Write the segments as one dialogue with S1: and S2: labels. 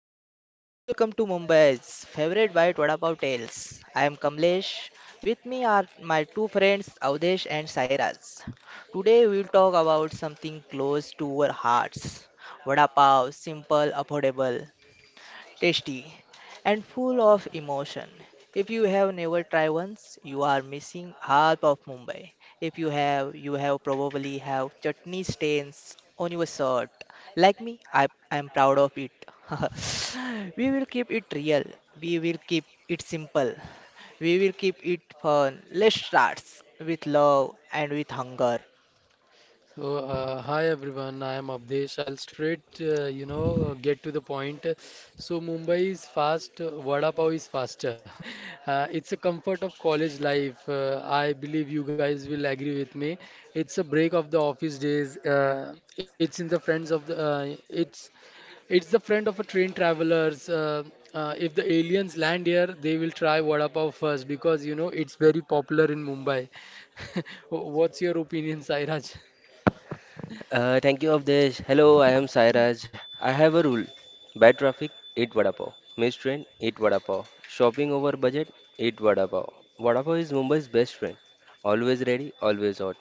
S1: Mumbai. Welcome to Mumbai's favorite bite What About Tales. I am Kamlesh. With me are my two friends Avdesh and Sairaj. Today we will talk about something close to our hearts. Vada pav, simple, affordable, tasty, and full of emotion. If you have never tried once, you are missing half of Mumbai. If you have, you have probably have chutney stains on your shirt. Like me, I am proud of it. We will keep it real. We will keep it simple. We will keep it fun. Let's start with love and with hunger.
S2: So, hi everyone, I am Avdesh. I'll straight, get to the point. So, Mumbai is fast, Vada Pav is faster. It's a comfort of college life. I believe you guys will agree with me. It's a break of the office days. It's the friend of a train travelers. If the aliens land here, they will try Vada Pav first because it's very popular in Mumbai. What's your opinion, Sairaj?
S3: Thank you, Avdesh. Hello, I am Sairaj. I have a rule. Bad traffic, eat vada pav. Missed train, eat vada pav. Shopping over budget, eat vada pav. Vada pav is Mumbai's best friend. Always ready, always hot,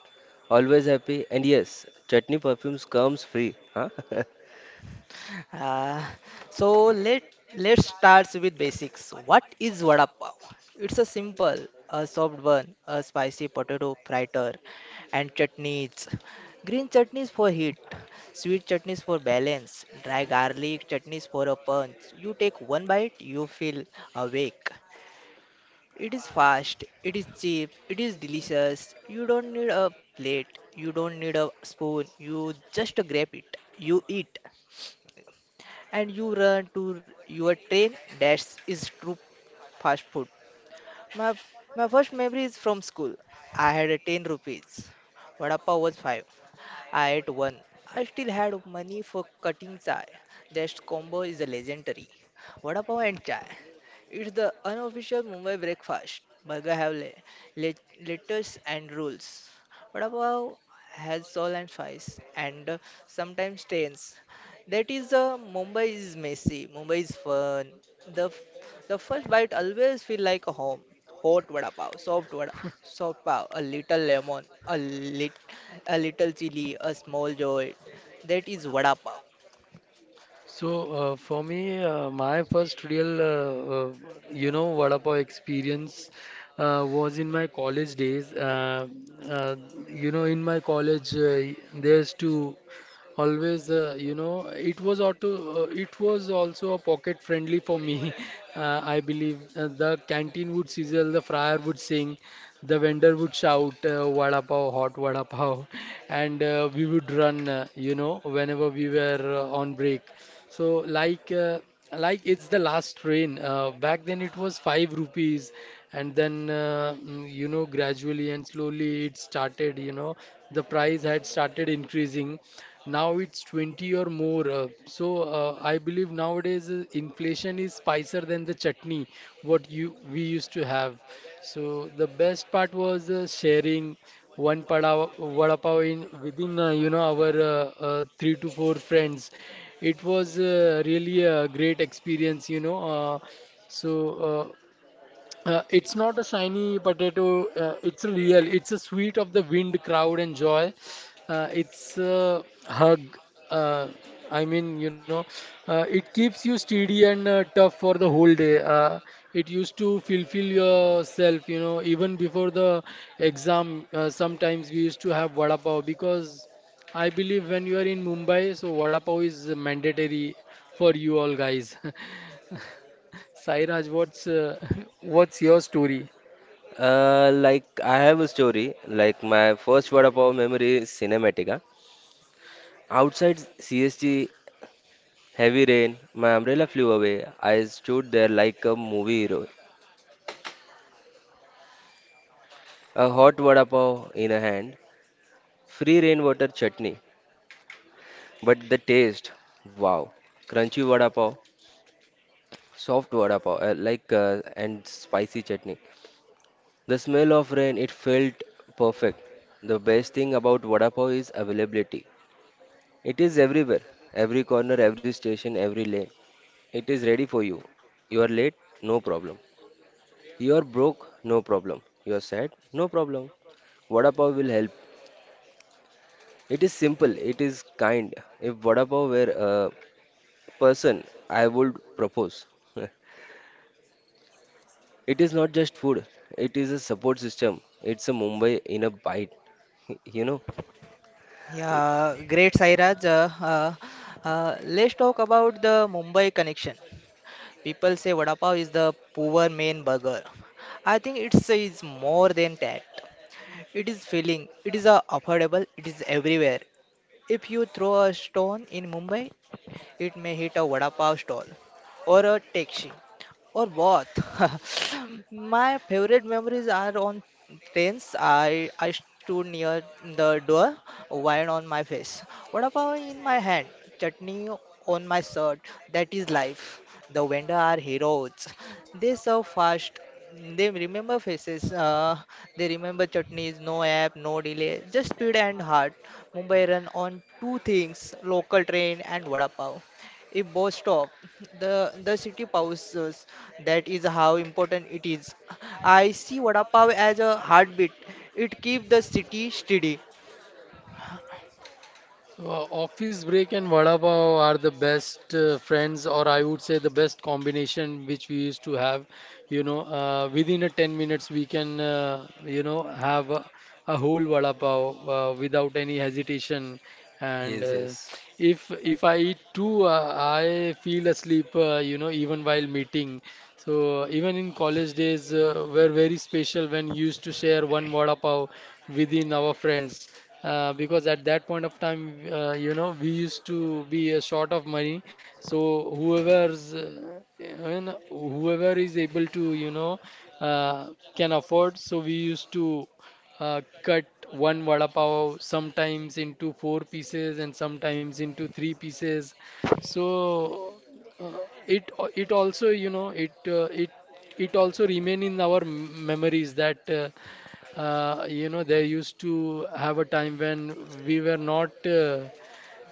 S3: always happy. And yes, chutney perfumes comes free. Huh?
S1: Uh, so let's start with basics. What is vada pav? It's a simple, a soft bun, a spicy potato fritter, and chutneys. Green chutneys for heat, sweet chutneys for balance, dry garlic chutneys for a punch. You take one bite, you feel awake. It is fast, it is cheap, it is delicious. You don't need a plate, you don't need a spoon, you just grab it, you eat and you run to your train. That is true fast food. My my first memory is from school. I had a 10 rupees. Vada pav was 5. At one, I still had money for cutting chai. That combo is legendary. Vada pav and chai. It's the unofficial Mumbai breakfast. Burger have lettuce and rules. Vada pav has salt and spice and sometimes stains. That is Mumbai is messy. Mumbai is fun. The the first bite always feel like a home. Hot vada pav, soft vada, soft pav, a little lemon, a little chili, a small joy. That is vada pav.
S2: So, for me, my first real, vada pav experience was in my college days. Uh, in my college, there's two always, it was auto, it was also a pocket friendly for me. I believe the canteen would sizzle, the fryer would sing, the vendor would shout, vada pav, hot vada pav. And we would run whenever we were on break. So, like uh, like it's the last train. Back then it was 5 rupees, and then gradually and slowly it started. The price had started increasing. Now it's 20 or more. So, I believe nowadays inflation is spicier than the chutney what you we used to have. So, the best part was sharing one pada, vada pav in within you know our three to four friends. It was really a great experience. So uh, it's not a shiny potato. It's real. It's a sweet of the wind, crowd, and joy. It's a hug. Uh, I mean, it keeps you steady and tough for the whole day. It used to fulfill yourself, even before the exam. Sometimes we used to have vada pav because I believe when you are in Mumbai, so vada pav is mandatory for you all guys. Sairaj, what's what's your story?
S3: Like I have a story. Like my first vada pav memory is cinematic. Huh? Outside CST. Heavy rain, my umbrella flew away. I stood there like a movie hero. A hot vada pav in a hand, free rainwater chutney. But the taste, wow. Crunchy vada pav, soft vada pav, and spicy chutney. The smell of rain, it felt perfect. The best thing about vada pav is availability. It is everywhere, every corner, every station, every lane. It is ready for you. You are late? No problem. You are broke? No problem. You are sad? No problem. Vada pav will help. It is simple, it is kind. If vada pav were a person, I would propose. It is not just food, it is a support system. It's a Mumbai in a bite, you know?
S1: Yeah, great Sairaj. Let's talk about the Mumbai connection. People say vada pav is the poor main burger. I think it's is more than that. It is filling. It is affordable. It is everywhere. If you throw a stone in Mumbai, it may hit a vada pav stall or a taxi or both. My favorite memories are on trains. I stood near the door, wine on my face, vada pav in my hand, chutney on my shirt. That is life. The vendor are heroes. They serve fast. They remember faces. They remember chutneys. No app, no delay, just speed and heart. Mumbai run on two things: local train and vada pav. If both stop, the city pauses. That is how important it is. I see vada pav as a heartbeat. It keeps the city steady.
S2: So, office break and vada pav are the best friends, or I would say the best combination which we used to have. Within a 10 minutes, we can, have a whole vada pav without any hesitation. And
S3: Yes, yes.
S2: if I eat two, I feel asleep, even while meeting. So, even in college days were very special when used to share one vada pav within our friends because at that point of time, we used to be short of money. So whoever's, whoever is able to, uh, can afford. So we used to cut one vada pav sometimes into four pieces and sometimes into three pieces. So uh, it it also, it also remain in our memories that they used to have a time when we were not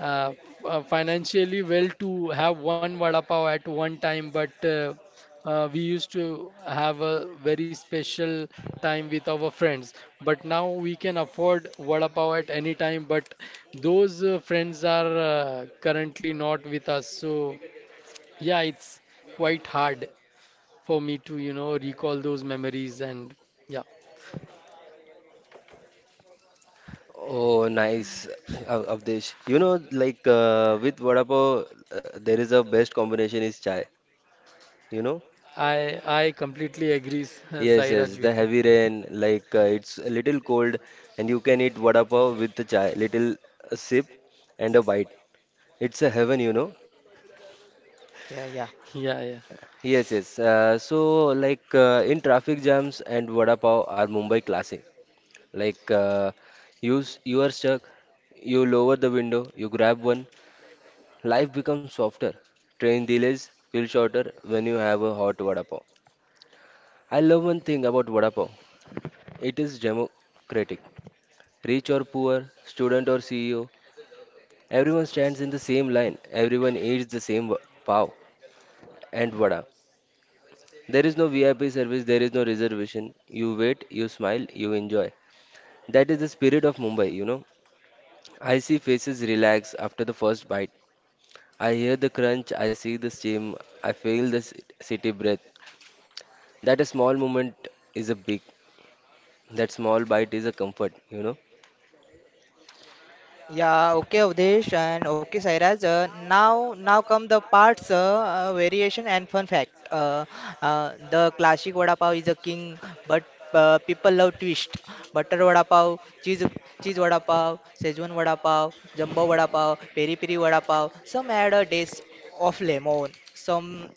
S2: uh, f- financially well to have one vada pav at one time, but we used to have a very special time with our friends. But now we can afford vada pav at any time, but those friends are currently not with us. So, yeah, it's quite hard for me to recall those memories, and yeah.
S3: Oh, nice, Avdesh. You know, with vada pav, there is a best combination is chai. You know?
S2: I completely agree,
S3: Yes, yes.
S2: Sairaj,
S3: The
S2: with you.
S3: heavy rain, it's a little cold, and you can eat vada pav with the chai. Little sip and a bite. It's a heaven, you know.
S1: Yeah, yeah.
S2: Yeah, yeah.
S3: Yes, yes. In traffic jams and vada pav are Mumbai classic. Like uh, you, you are stuck, you lower the window, you grab one. Life becomes softer. Train delays feel shorter when you have a hot vada pav. I love one thing about vada pav. It is democratic. Rich or poor, student or CEO, everyone stands in the same line. Everyone eats the same pav and vada. There is no VIP service, there is no reservation. You wait, you smile, you enjoy. That is the spirit of Mumbai, you know. I see faces relax after the first bite. I hear the crunch, I see the steam, I feel the city breath. That a small moment is a big, that small bite is a comfort, you know.
S1: Yeah, okay, Avdesh, and okay, Sairaj. Now come the parts, variation and fun fact. The classic vada pav is a king, but people love twist. Butter vada pav, cheese vada pav, Szechuan vada pav, jumbo vada pav, peri peri vada pav. Some add a dash of lemon. Some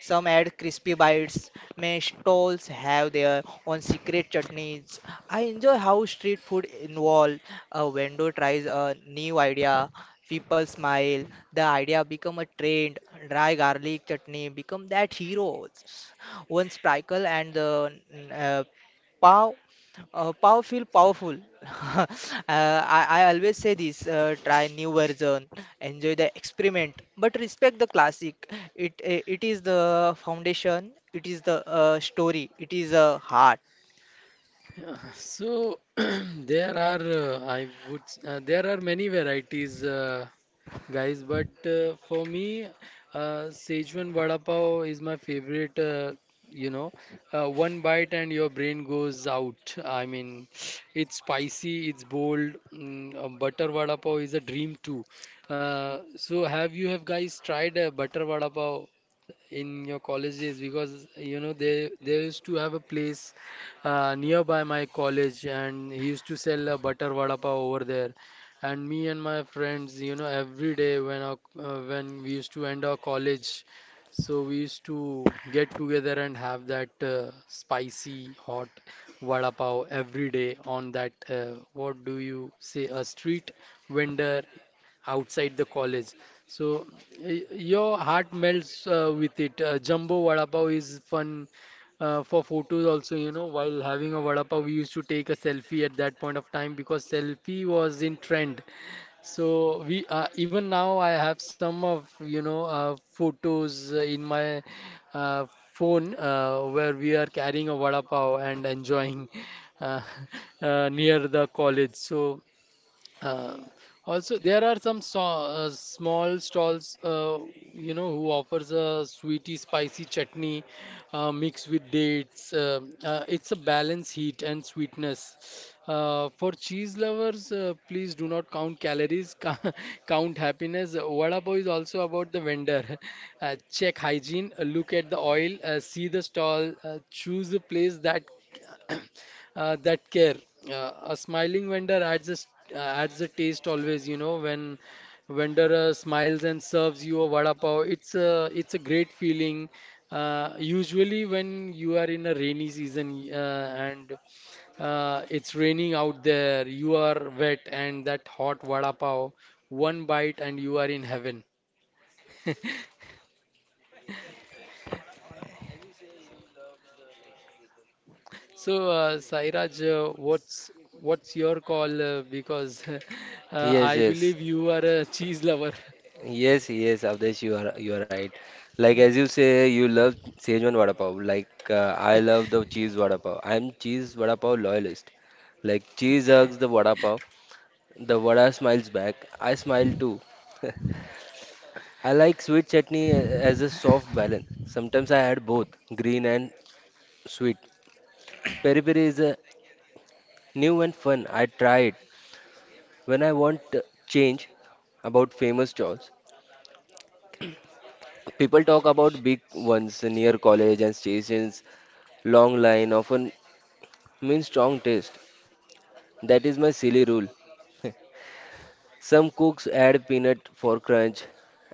S1: some add crispy bites. May stalls have their own secret chutneys. I enjoy how street food involve a vendor tries a new idea, people smile, the idea become a trend, dry garlic chutney become that hero. One sprinkle and the uh, pav, pav feel powerful. uh, I always say this, try new version, enjoy the experiment, but respect the classic. It is the foundation, it is the story, it is a heart.
S2: Yeah. So, there are I would s- there are many varieties, guys. But for me, Szechuan vada pav is my favorite. You know, One bite and your brain goes out. I mean, it's spicy, it's bold. Butter vada pav is a dream too. So, have guys tried butter vada pav in your college days? Because they used to have a place nearby my college, and he used to sell a butter vada pav over there. And me and my friends, every day when when we used to end our college, so we used to get together and have that spicy hot vada pav every day on that, what do you say, a street vendor outside the college. So, your heart melts with it. Jumbo Vada Pav is fun for photos also. While having a Vada Pav, we used to take a selfie at that point of time because selfie was in trend. So we Even now I have some of, photos in my uh, phone where we are carrying a Vada Pav and enjoying. uh, Near the college. So uh, also, there are some small stalls, who offers a sweety, spicy chutney mixed with dates. It's a balance heat and sweetness. For cheese lovers, please do not count calories, count happiness. Vada pav is also about the vendor. Check hygiene, look at the oil, see the stall, choose a place that that care. A smiling vendor adds a taste always, when vendor smiles and serves you a vada pav, it's a great feeling. Usually when you are in a rainy season and it's raining out there, you are wet, and that hot vada pav, one bite and you are in heaven. So, Sairaj, what's your call? Because
S3: Yes,
S2: I
S3: yes,
S2: believe you are a cheese lover.
S3: yes, Avdesh, you are right. Like as you say, you love Szechuan vada pav. I love the cheese vada pav. I'm cheese vada pav loyalist. Like cheese hugs the vada pav. The vada smiles back. I smile too. I like sweet chutney as a soft balance. Sometimes I add both green and sweet. Peri peri is a new and fun. I try it when I want to change about famous stalls. People talk about big ones near college and stations. Long line often means strong taste. That is my silly rule. Some cooks add peanut for crunch,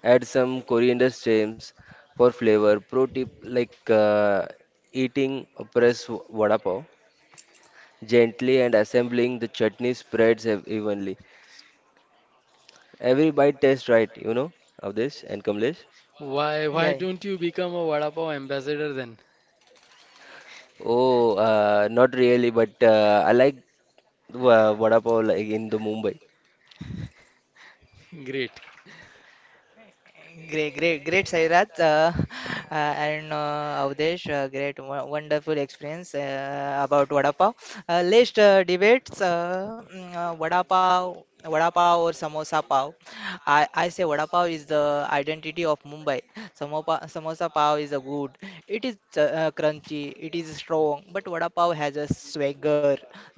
S3: add some coriander stems for flavor. Pro tip eating a press vada pav gently and assembling the chutney spreads evenly. Every bite tastes right, you know, of this and Kamlesh.
S2: Why
S1: Yeah.
S2: don't you become a vada pav ambassador then?
S3: Oh, not really, but I like vada pav like in the Mumbai.
S2: Great.
S1: Great, Sairaj, and Avdesh, great, wonderful experience about vada pav. Let's debate, vada pav or samosa pav. I say vada pav is the identity of Mumbai. Samopa, samosa pav is a good. It is crunchy, it is strong, but vada pav has a swagger,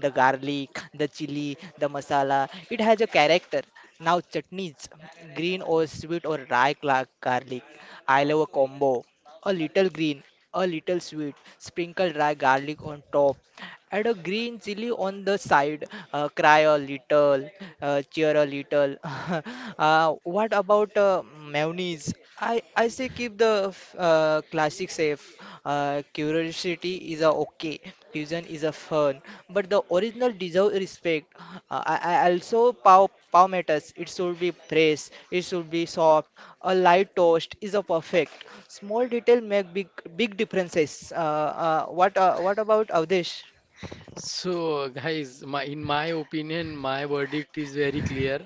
S1: the garlic, the chili, the masala. It has a character. Now chutneys, green or sweet or garlic. I love a combo. A little green, a little sweet, sprinkle rye garlic on top. Add a green chili on the side. Cry a little, cheer a little. What about mayonnaise? I say keep the classic safe. Curiosity is a okay, fusion is a fun, but the original deserve respect. I also pow matters. It should be fresh. It should be soft. A light toast is a perfect. Small detail make big differences. What about Avdesh?
S2: So, guys, my in my opinion, my verdict is very clear.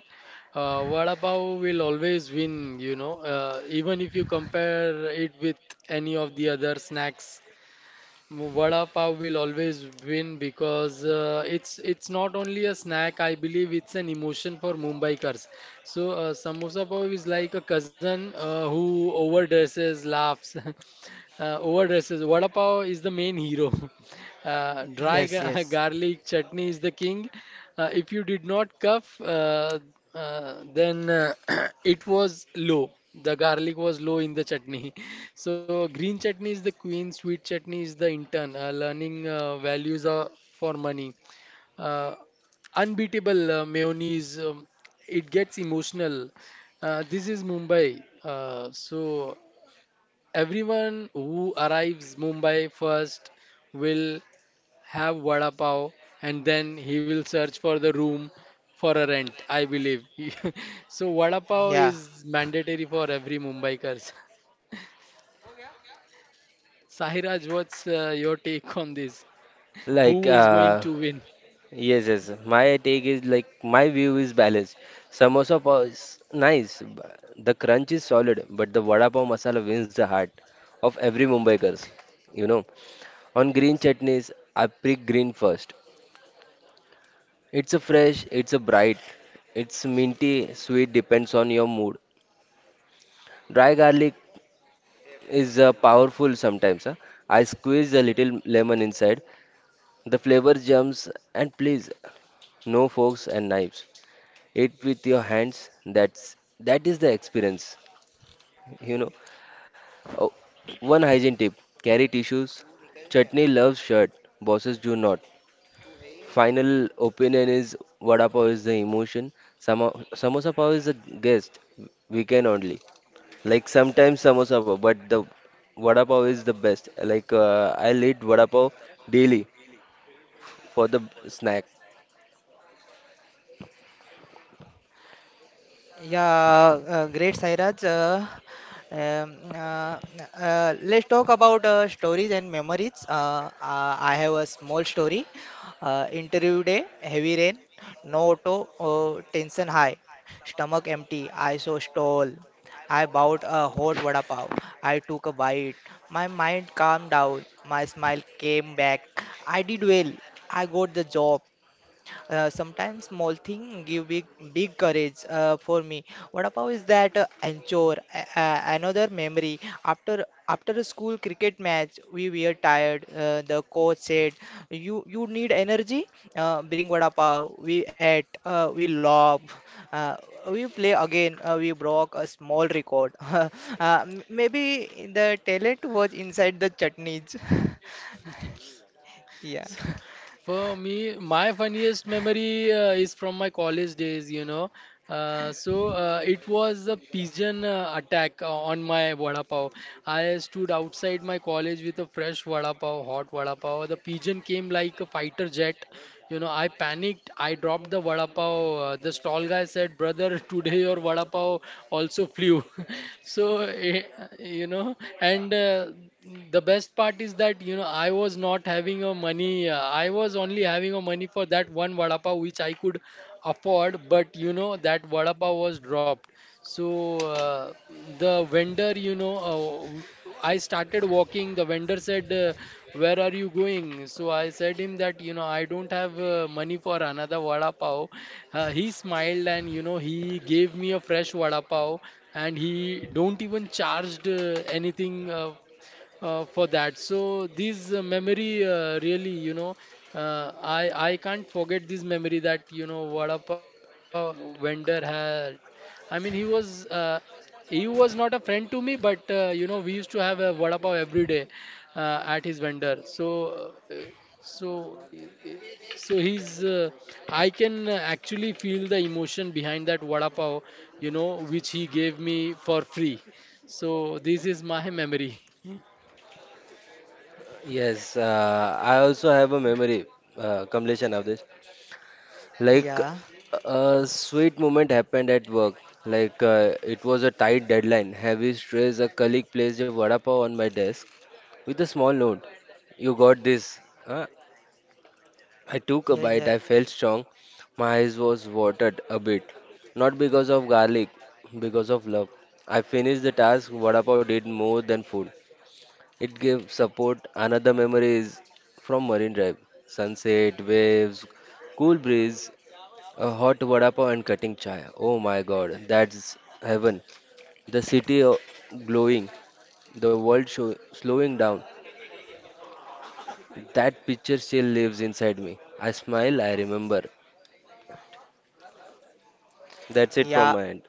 S2: Vada pav will always win, even if you compare it with any of the other snacks. Vada pav will always win because it's not only a snack. I believe it's an emotion for Mumbaikars. So, samosa pav is like a cousin who overdresses, laughs, overdresses. Vada pav is the main hero. Dry
S1: Yes, yes.
S2: garlic chutney is the king, if you did not cough, then it was low. The garlic was low in the chutney. So, green chutney is the queen, sweet chutney is the intern. Learning values are for money. Uh, Unbeatable mayonnaise. It gets emotional. This is Mumbai. So, everyone who arrives Mumbai first will have vada pav, and then he will search for the room for a rent, I believe. So, vada
S1: Yeah.
S2: pav is mandatory for every Mumbaikars. Sahiraj, what's your take on this?
S3: Like
S2: Who is going
S3: uh,
S2: to win?
S3: Yes, yes. My take is like my view is balanced. Samosa pav is nice. The crunch is solid, but the vada pav masala wins the heart of every Mumbaikars. You know, on green chutneys, I pick green first. It's a fresh, it's a bright, it's minty, sweet, depends on your mood. Dry garlic is powerful sometimes. Huh? I squeeze a little lemon inside. The flavor jumps, and please, no forks and knives. It with your hands. That is the experience. You know, oh, one hygiene tip: carry tissues. Chutney loves shirt. Bosses do not. Final opinion is vada pav is the emotion. Samosa pav is a guest. We can only like sometimes samosa pav, but the vada pav is the best. I'll eat vada pav daily for the snack.
S1: Yeah, great Sairaj. Um, uh, let's talk about stories and memories. I have a small story. Interview day, heavy rain, no auto, tension high, stomach empty, I so stall. I bought a hot vada pav. I took a bite. My mind calmed down. My smile came back. I did well. I got the job. Sometimes small thing give big courage for me. What about is that anchor, another memory. After a school cricket match, we were tired. The coach said, "You need energy. Bring vada pav." We ate. We laughed. Uh, we play again. We broke a small record. Maybe the talent was inside the chutneys. Yeah.
S2: So, for me, my funniest memory is from my college days. So, it was a pigeon attack on my vada pav. I stood outside my college with a fresh vada pav, hot vada pav. The pigeon came like a fighter jet. I panicked. I dropped the vada pav. The stall guy said, "Brother, today your vada pav also flew." so eh, you know, and The best part is that I was not having a money. I was only having a money for that one vada pav which I could afford. But you know that vada pav was dropped. So, the vendor, I started walking. The vendor said, "Where are you going?" So I said him that, I don't have money for another vada pav. He smiled and, he gave me a fresh vada pav, and he don't even charged anything for that. So this memory really, I can't forget this memory that Vada Pav vendor had. I mean, he was not a friend to me, but we used to have a Vada Pav every day at his vendor. So so so he's I can actually feel the emotion behind that Vada Pav, which he gave me for free. So this is my memory.
S3: Yes, I also have a memory, Kamlesh and Avdesh. Like
S1: Yeah,
S3: a sweet moment happened at work. It was a tight deadline, heavy stress. A colleague placed a vada pav on my desk with a small note. You got this. Huh? I took a
S1: yeah, yeah,
S3: bite. I felt strong. My eyes was watered a bit, not because of garlic, because of love. I finished the task. Vada pav did more than food. It gave support. Another memory is from Marine Drive. Sunset, waves, cool breeze, a hot vada pav and cutting chai. Oh my god, that's heaven. The city glowing, the world, slowing down. That picture still lives inside me. I smile, I remember. That's it from
S1: yeah.
S3: my end.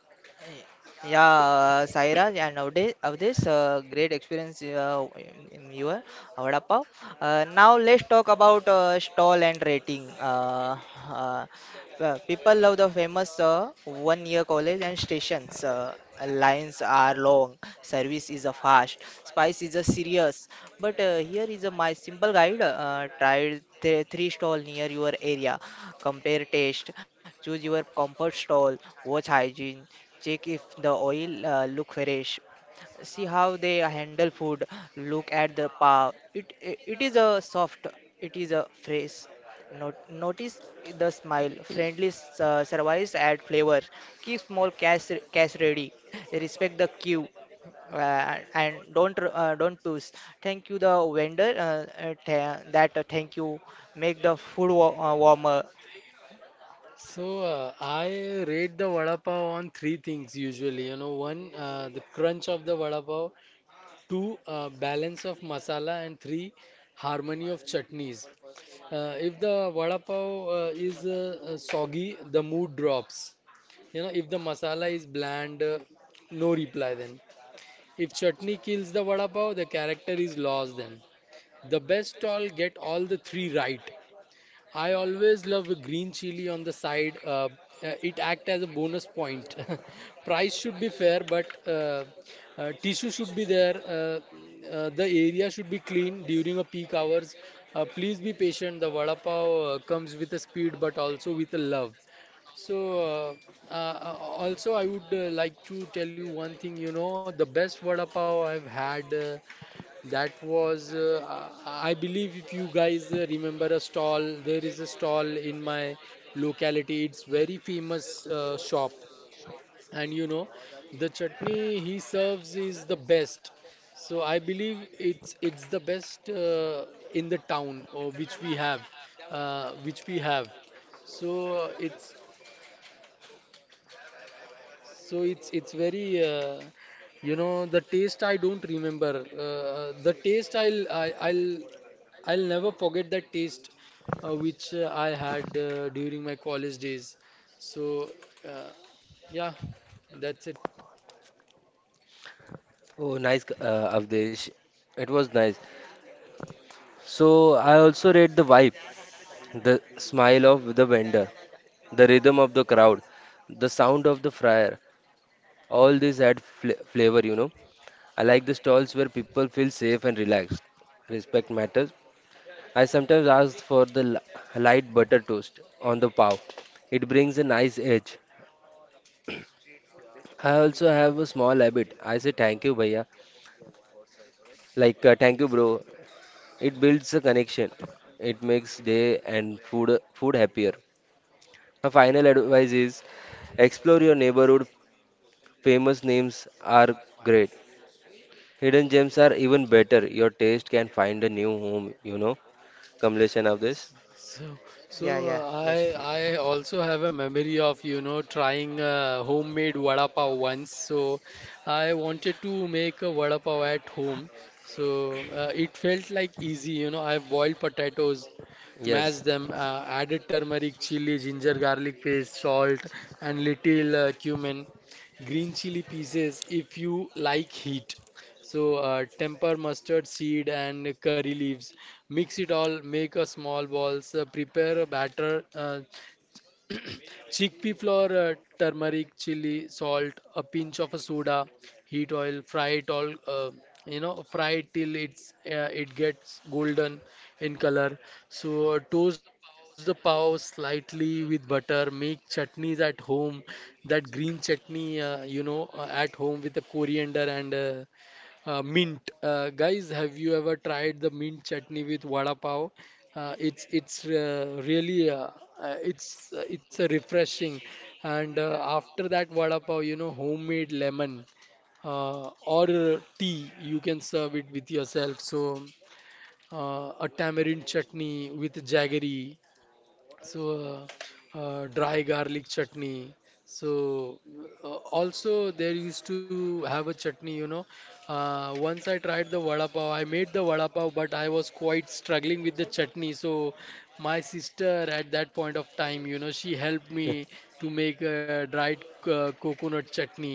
S1: Yeah, Saira, yeah, nowadays of this great experience in your Vada Pav. Now let's talk about stall and rating. Uh, People love the famous one-year college and stations. Lines are long, service is a fast, spice is a serious. But here is a my simple guide. Try three stall near your area. Compare taste, choose your comfort stall, watch hygiene, check if the oil look fresh, see how they handle food look at the power it it is a soft it is a fresh. Not, Notice the smile, friendly service add flavor. Keep small cash ready. Respect the queue, and don't push. Thank you the vendor. Tha- that Thank you make the food warmer.
S2: So, I rate the vada pav on three things usually. One, the crunch of the vada pav, two, balance of masala, and three, harmony of chutneys. If the vada pav is soggy, the mood drops. If the masala is bland, no reply then. If chutney kills the vada pav, the character is lost then. The best stall get all the three right. I always love a green chili on the side. It act as a bonus point. Price should be fair, but tissue should be there. The area should be clean during a peak hours. Please be patient. The vada pav comes with a speed, but also with a love. So, Also, I would like to tell you one thing. You know, the best vada pav I've had. That was, I believe, if you guys remember a stall, there is a stall in my locality. It's very famous shop, and you know, the chutney he serves is the best. So I believe it's the best in the town, or which we have, uh, which we have. So it's so it's very the taste I don't remember. The taste I'll I, I'll never forget that taste which I had during my college days. So, uh, yeah, that's it.
S3: Oh, nice, Avdesh. It was nice. So, I also read the vibe, the smile of the vendor, the rhythm of the crowd, the sound of the fryer. All this had fl flavor, you know. I like the stalls where people feel safe and relaxed. Respect matters. I sometimes ask for the light butter toast on the pav. It brings a nice edge. I also have a small habit. I say thank you, bhaiya. Thank you, bro. It builds a connection. It makes day and food happier. My final advice is explore your neighborhood. Famous names are great. Hidden gems are even better. Your taste can find a new home, you know. Completion of this.
S2: So, so
S1: Yeah, yeah,
S2: uh, I
S1: yes.
S2: I also have a memory of trying homemade vada pav once. So I wanted to make a vada pav at home. So it felt like easy, you know. I boiled potatoes,
S3: Yes.
S2: mashed them, added turmeric, chili, ginger, garlic paste, salt, and little cumin, green chili pieces if you like heat. So temper mustard seed and curry leaves. Mix it all, make a small balls, prepare a batter, chickpea flour, turmeric, chili, salt, a pinch of a soda, heat oil, fry it all, you know, fry it till it gets golden in color. So toast the pav slightly with butter, make chutneys at home, that green chutney, you know, at home with the coriander and mint, guys, have you ever tried the mint chutney with vada pav? It's really it's a refreshing, and after that vada pav, you know, homemade lemon uh, or tea, you can serve it with yourself. So a tamarind chutney with jaggery, so dry garlic chutney so uh, also there used to have a chutney once I tried the vada pav, I made the vada pav, but I was quite struggling with the chutney. So my sister at that point of time, you know, she helped me to make a dried coconut chutney.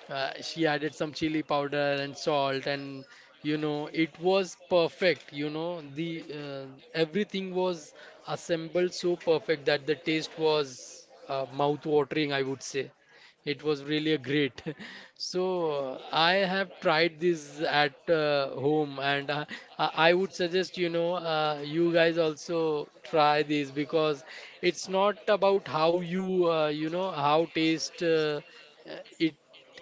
S2: She added some chili powder and salt, and you know it was perfect. You know the uh, everything was assembled so perfect that the taste was mouth-watering, I would say. It was really a great. So I have tried this at home, and I would suggest, you know, you guys also try this because it's not about how you you know how taste uh, it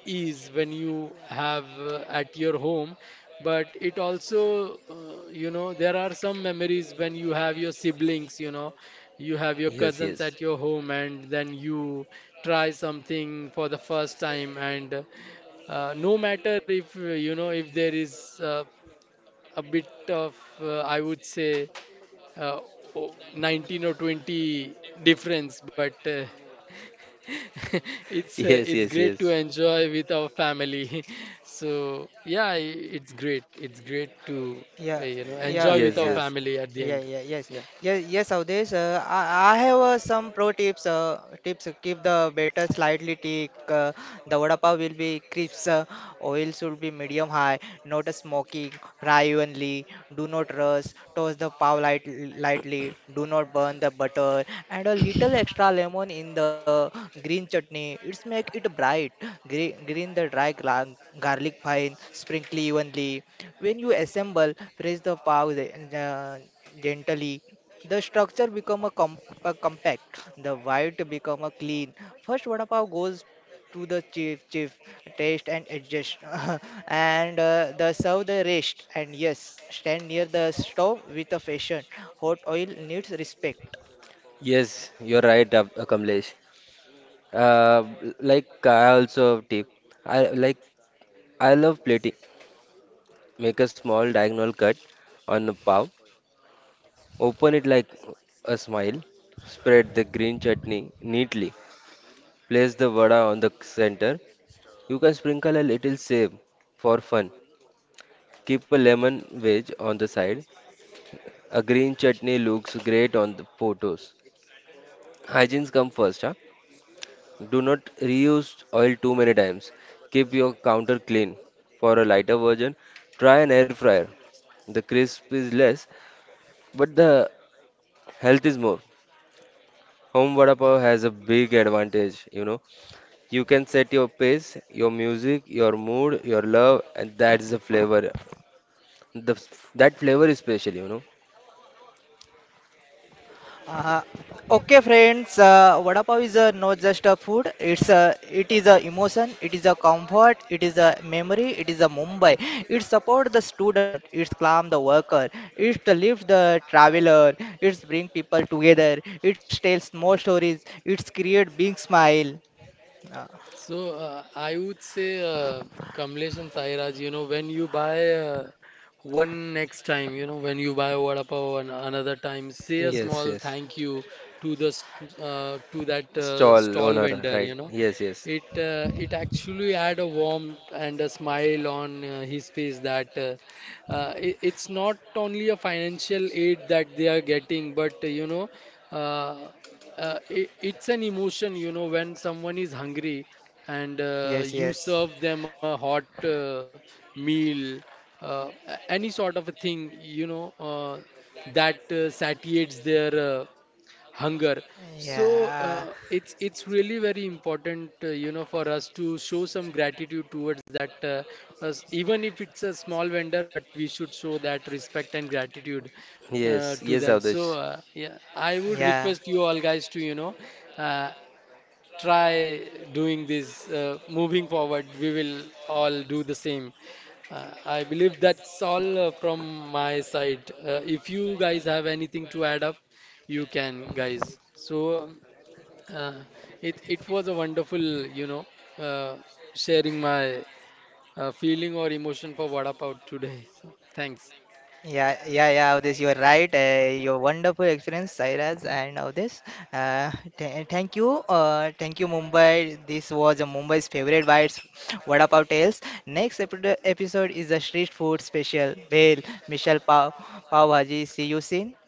S2: is when you have at your home, but it also, you know, there are some memories when you have your siblings, you know, you have your
S3: Yes,
S2: cousins
S3: yes.
S2: at your home, and then you try something for the first time. And no matter if, you know, if there is a bit of, I would say, uh, 19 or 20 difference, but it's
S3: Yes,
S2: it's
S3: yes,
S2: great to
S3: yes.
S2: enjoy with our family. So yeah, it's great. It's great to
S1: Yeah,
S2: you know
S1: yeah,
S2: enjoy with
S3: Yes,
S2: our
S1: yeah,
S3: yes.
S2: family at the
S1: yeah,
S2: end.
S1: yeah, yes,
S2: Yeah.
S1: yes, yes, Avdesh. I have some pro tips. Keep the batter slightly thick. The vada pav will be crisp. Oil should be medium high, not a smoky. Fry evenly. Do not rush. Toast the pav lightly. Do not burn the butter. And a little extra lemon in the green chutney. It's make it bright. Green the garlic fine. Sprinkle evenly when you assemble, press the valve uh, gently. The structure become a compact. The white become a clean. First, vada pav goes to the chief taste and adjust, and the serve the rest. And yes, stand near the stove with a fashion. Hot oil needs respect.
S3: Yes, you're right, Kamlesh. Uh, like I also have tip. I like I love plating. Make a small diagonal cut on a pav. Open it like a smile. Spread the green chutney neatly. Place the vada on the center. You can sprinkle a little save for fun. Keep a lemon wedge on the side. A green chutney looks great on the photos. Hygienes come first, huh? Do not reuse oil too many times. Keep your counter clean. For a lighter version, try an air fryer. The crisp is less, but the health is more. Home vada pav has a big advantage, you know. You can set your pace, your music, your mood, your love, and that's the flavor. The that flavor is special, you know.
S1: Uh, okay, friends. Vada pav is not just a food. It is a emotion. It is a comfort. It is a memory. It is a Mumbai. It support the student. It's calm the worker. It lift the traveler. It's bring people together. It tells more stories. It's create big smile. Uh,
S2: So I would say, Kamlesh and Sairaj, you know, when you buy one next time, you know, when you buy vada pav an another time, say a
S3: Yes,
S2: small
S3: yes.
S2: thank you to the to that
S3: Stall
S2: stall
S3: owner,
S2: vendor,
S3: right?
S2: you know.
S3: Yes, yes,
S2: It actually add a warmth and a smile on his face that it's not only a financial aid that they are getting, but you know. Uh, it's an emotion, you know, when someone is hungry, and
S1: yes,
S2: you
S1: yes.
S2: serve them a hot meal, any sort of a thing, you know, that satiates their hunger. So
S1: Yeah,
S2: it's really very important, you know, for us to show some gratitude towards that, us, even if it's a small vendor, but we should show that respect and gratitude
S3: yes,
S2: to
S3: yes,
S2: them. So
S3: Avdesh.
S2: yeah, I would
S1: yeah.
S2: request you all guys to, you know, uh, try doing this. Moving forward, we will all do the same. I believe that's all from my side. If you guys have anything to add up, you can guys. So uh, it it was a wonderful, you know, sharing my feeling or emotion for vada pav today. So thanks.
S1: Yeah, yeah, yeah, Avdesh, you are right. Your wonderful experience, Sairaj and Avdesh. Th Thank you, thank you, Mumbai. This was a Mumbai's favorite bites, Vada Pav Tales. Next episode is a street food special, Bhel, Michelle Pav, Pav Bhaji. See you soon.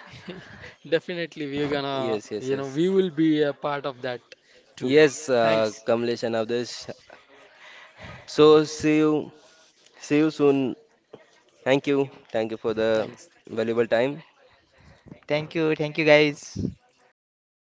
S2: Definitely we're gonna,
S3: Yes, yes,
S2: you know,
S3: yes.
S2: we will be a part of that too.
S3: Yes,
S2: Thanks.
S3: Kamlesh and Avdesh. So see you soon. Thank you for the
S2: Thanks.
S3: valuable time.
S1: Thank you, guys.
S2: Thanks